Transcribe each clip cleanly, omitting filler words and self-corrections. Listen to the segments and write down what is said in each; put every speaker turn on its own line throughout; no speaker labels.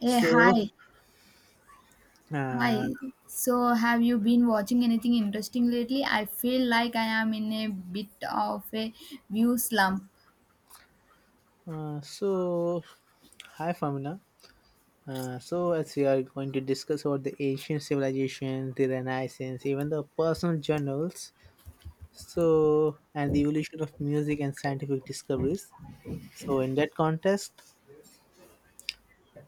Hey,
So,
hi.
uh,
Hi. So, have you been watching anything interesting lately? I feel like I am in a bit of a view slump.
so hi, Famina. So, as we are going to discuss about the ancient civilizations, the Renaissance, even the personal journals, and the evolution of music and scientific discoveries. So, in that context,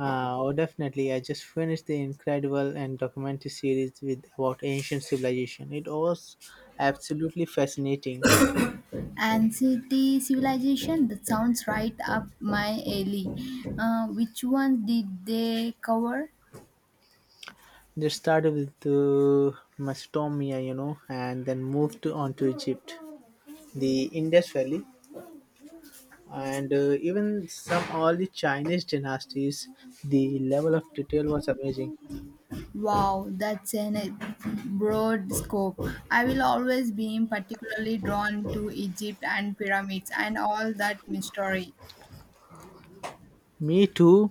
oh, definitely, I just finished the incredible and documentary series with about ancient civilization. It was absolutely fascinating.
And civilization, that sounds right up my alley. Which one did they cover?
They started with Macedonia, you know, and then moved on to Egypt, the Indus Valley, and even some all the Chinese dynasties. The level of detail was amazing.
Wow, that's an a broad scope. I will always be particularly drawn to Egypt and pyramids and all that mystery.
Me too.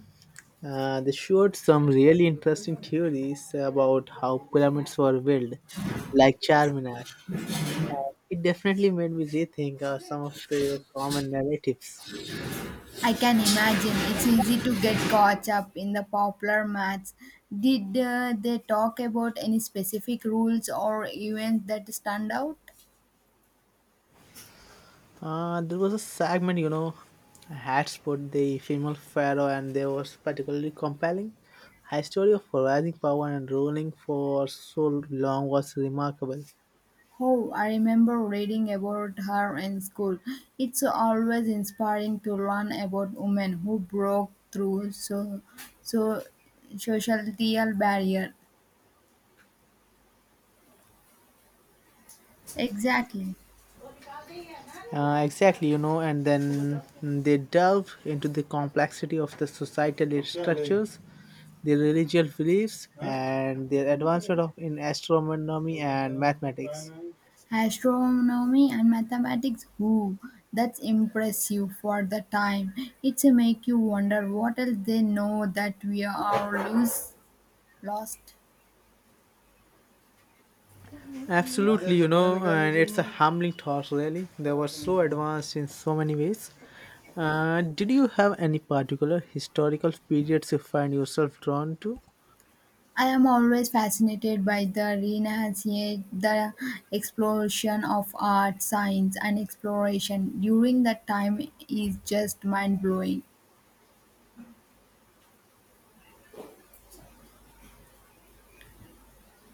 They showed some really interesting theories about how pyramids were built, like Charminar. It definitely made me rethink some of the common narratives.
I can imagine it's easy to get caught up in the popular maths. Did they talk about any specific rules or events that stand out?
There was a segment, you know, had put the female pharaoh, and they was particularly compelling. Her story of rising power and ruling for so long was remarkable.
Oh, I remember reading about her in school. It's always inspiring to learn about women who broke through so societal barrier. Exactly.
Exactly, you know, and then they delve into the complexity of the societal structures, their religious beliefs, and their advancement of in astronomy and mathematics.
Astronomy and mathematics, whoo, that's impressive for the time. It's make you wonder what else they know that we are lost.
Absolutely, you know, and it's a humbling thought, really. They were so advanced in so many ways. Did you have any particular historical periods you find yourself drawn to?
I am always fascinated by the renaissance, the explosion of art, science, and exploration during that time is just mind blowing.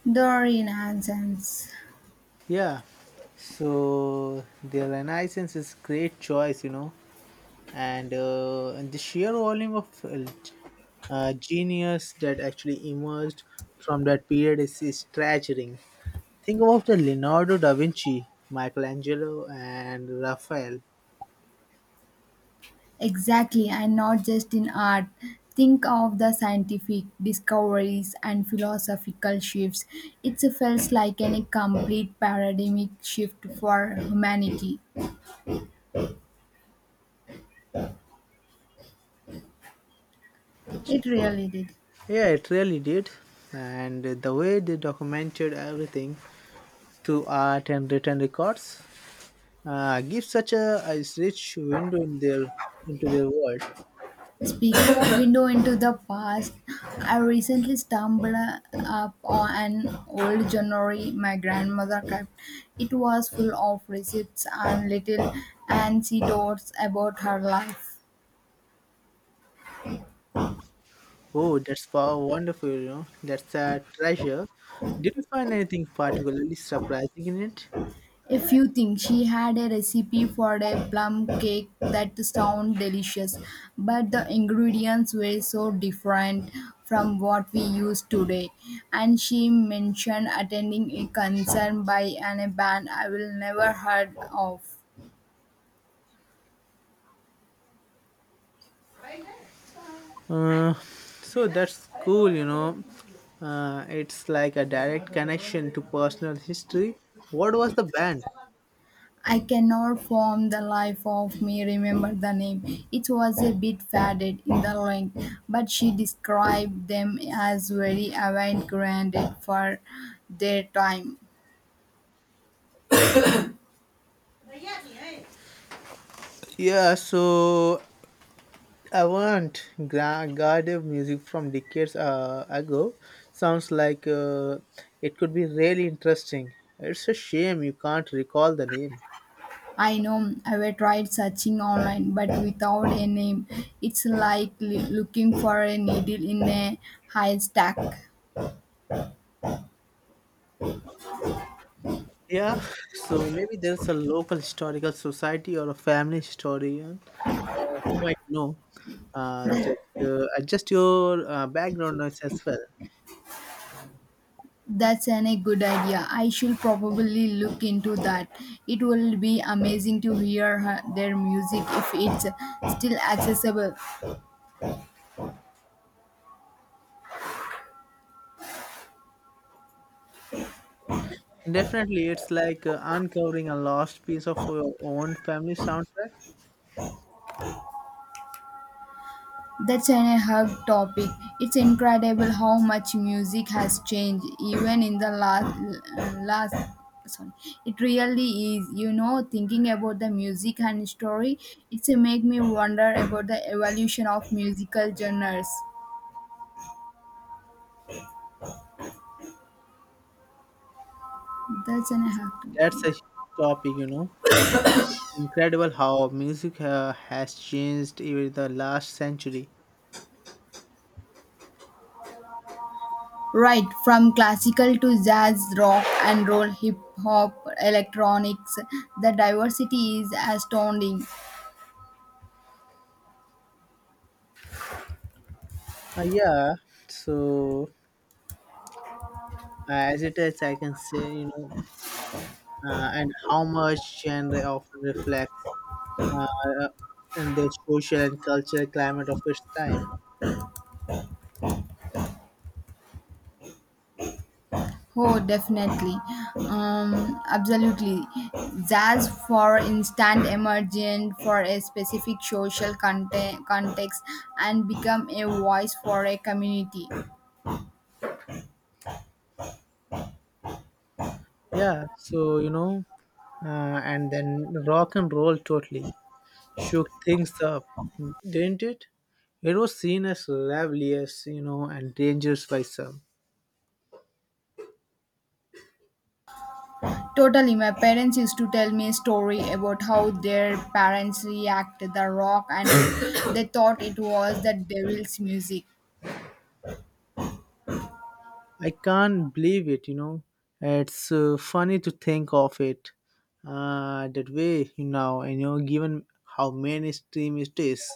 The renaissance.
Yeah, so the Renaissance is great choice, you know, and the sheer volume of genius that actually emerged from that period is staggering. Think about the Leonardo da Vinci, Michelangelo, and Raphael.
Exactly, and not just in art. Think of the scientific discoveries and philosophical shifts. It felt like an complete paradigmic shift for humanity. It really did.
Yeah, it really did. And the way they documented everything through art and written records gives such a rich window in their into their world.
Speaking of window into the past, I recently stumbled up on an old journal my grandmother kept. It was full of receipts and little anecdotes about her life.
Oh, that's wow, wonderful, you know. That's a treasure. Did you find anything particularly surprising in it?
If you think she had a recipe for a plum cake that sounded delicious, but the ingredients were so different from what we use today. And she mentioned attending a concert by an band I will never heard of.
Uh, so that's cool, you know. It's like a direct connection to personal history. What was the band?
I cannot form the life of me remember the name. It was a bit faded in the length, but she described them as very avant-garde for their time.
Yeah, so avant garde music from decades ago sounds like it could be really interesting. It's a shame you can't recall the name.
I know I've tried searching online, but without a name, it's like looking for a needle in a haystack.
Yeah, so maybe there's a local historical society or a family historian who might know. Just adjust your background noise as well.
That's an, a good idea. I should probably look into that. It will be amazing to hear her, their music if it's still accessible.
Definitely, it's like uncovering a lost piece of your own family soundtrack.
That's an hug topic. It's incredible how much music has changed, even in the last. Sorry, it really is. You know, thinking about the music and story, it's make me wonder about the evolution of musical genres. That's an hug
That's a
topic.
huge topic, you know. Incredible how music has changed even the last century.
Right, from classical to jazz, rock and roll, hip hop, electronics, the diversity is astounding.
Uh, yeah, so as it is, I can say, you know, and how much genre often reflects uh, and the social and cultural climate of its time.
Oh, definitely. Absolutely. Jazz, for instance, emerged for a specific context and become a voice for a community.
Yeah, so, you know, and then rock and roll totally shook things up, didn't it? It was seen as rebellious, you know, and dangerous by some.
Totally, my parents used to tell me a story about how their parents reacted the rock and they thought it was the devil's music.
I can't believe it, you know. It's funny to think of it that way you now, you know, given how mainstream it is.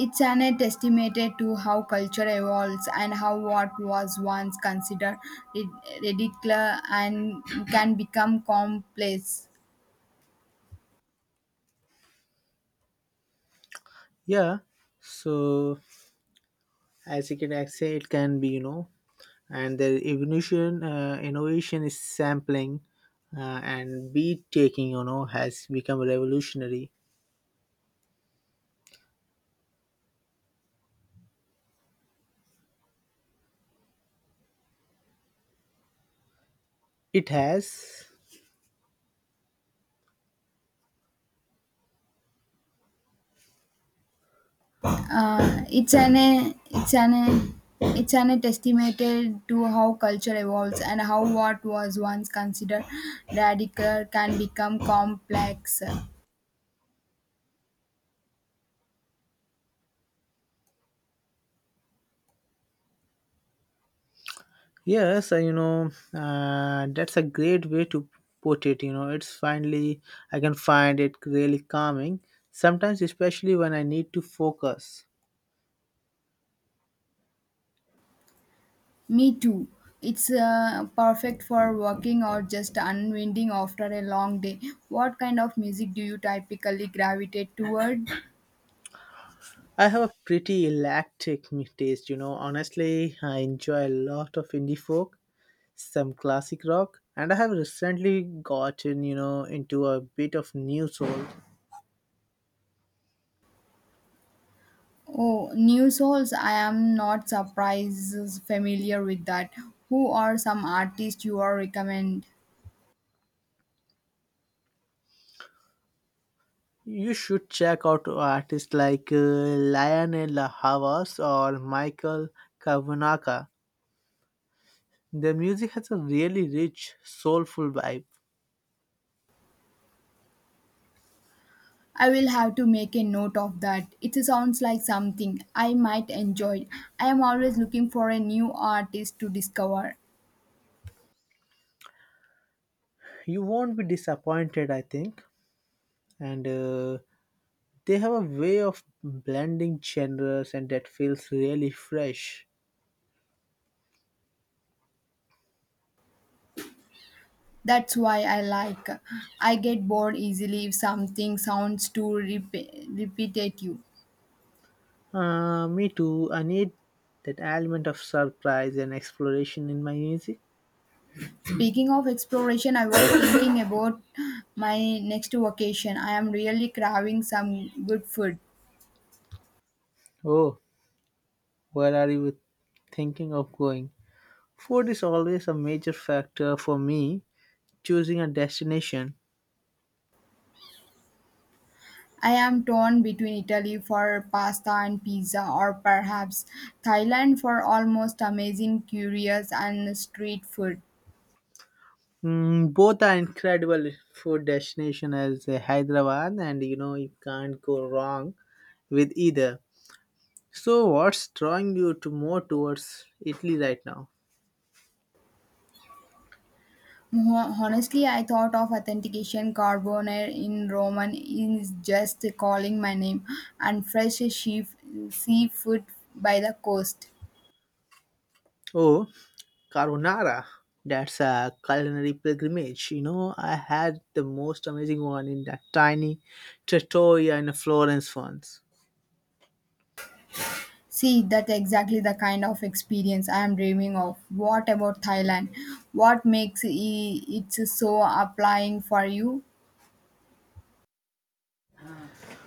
It's an testament to how culture evolves and how what was once considered rid- ridiculous and can become complex.
Yeah, so as you can I say, it can be, you know, and the evolution, innovation is sampling and beat taking, you know, has become revolutionary. It has.
Uh, it's an it's an it's an testament to how culture evolves and how what was once considered radical can become complex.
Yes, you know, that's a great way to put it. You know, it's finally, I can find it really calming, sometimes, especially when I need to focus.
Me too. It's perfect for working or just unwinding after a long day. What kind of music do you typically gravitate toward?
I have a pretty taste, you know. Honestly, I enjoy a lot of indie folk, some classic rock, and I have recently gotten, you know, into a bit of new soul.
Oh, new souls. I am not surprised familiar with that. Who are some artists you are recommend?
You should check out artists like Lionel Havas or Michael Kavanagh. Their music has a really rich, soulful vibe.
I will have to make a note of that. It sounds like something I might enjoy. I am always looking for a new artist to discover.
You won't be disappointed, I think. And they have a way of blending genres, and that feels really fresh.
That's why I like. I get bored easily if something sounds too repetitive.
Me too. I need that element of surprise and exploration in my music.
Speaking of exploration, I was thinking about my next vacation. I am really craving some good food.
Oh, where are you thinking of going? Food is always a major factor for me choosing a destination.
I am torn between Italy for pasta and pizza, or perhaps Thailand for almost amazing, curious, and street food.
Mm, both are incredible food destination as Hyderabad, and you know you can't go wrong with either. So, what's drawing you to more towards Italy right now?
Honestly, I thought of authentication carbonare in Roman is just calling my name and fresh sheaf, seafood by the coast.
Oh, carbonara. That's a culinary pilgrimage. You know, I had the most amazing one in that tiny trattoria in Florence once.
See, that's exactly the kind of experience I am dreaming of. What about Thailand? What makes it so applying for you?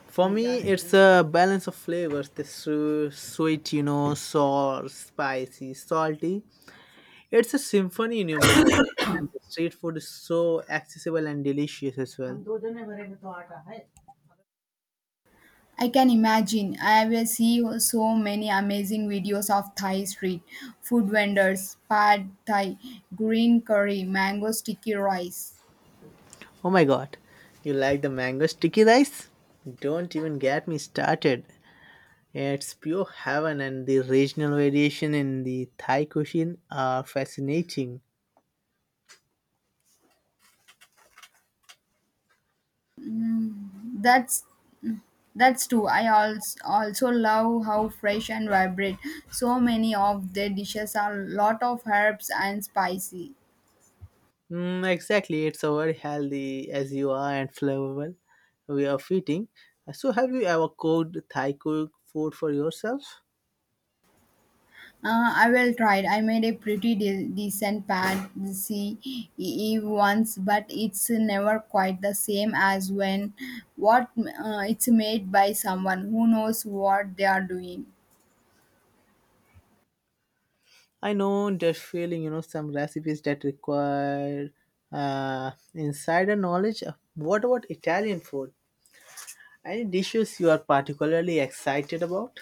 For me, it's a balance of flavors: the sweet, you know, sour, spicy, salty, it's a symphony in your mouth, and the street food is so accessible and delicious as well.
I can imagine. I will see so many amazing videos of Thai street food vendors, pad Thai, green curry, mango sticky rice.
Oh my god, you like the mango sticky rice? Don't even get me started. It's pure heaven, and the regional variation in the Thai cuisine are fascinating.
That's That's true. I also love how fresh and vibrant so many of their dishes are. Lot of herbs and spicy.
Mm, exactly, it's so very healthy as you are and flavorful. We are feeding. So, have you ever cooked Thai cook food for yourself?
I will try it. I made a pretty decent pad see once, but it's never quite the same as when what it's made by someone who knows what they are doing.
I know that feeling, you know, some recipes that require insider knowledge. What about Italian food? Any dishes you are particularly excited about?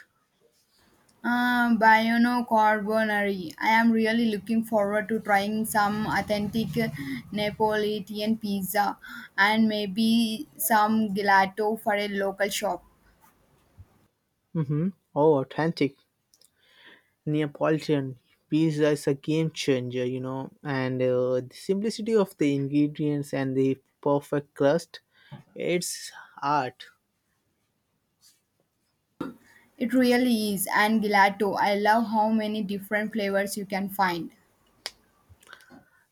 Biono Carbonari. I am really looking forward to trying some authentic Neapolitan pizza and maybe some gelato for a local shop.
Mm-hmm. Oh, authentic Neapolitan pizza is a game changer, you know, and the simplicity of the ingredients and the perfect crust, it's art.
It really is, and gelato. I love how many different flavors you can find.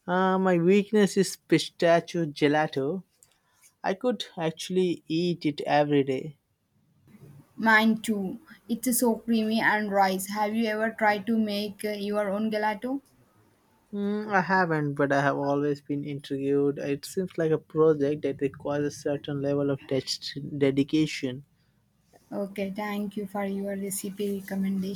My weakness is pistachio gelato. I could actually eat it every day.
Mine too. It's so creamy and rice. Have you ever tried to make your own gelato?
Mm, I haven't, but I have always been intrigued. It seems like a project that requires a certain level of dedication.
Okay, thank you for your recipe recommendation.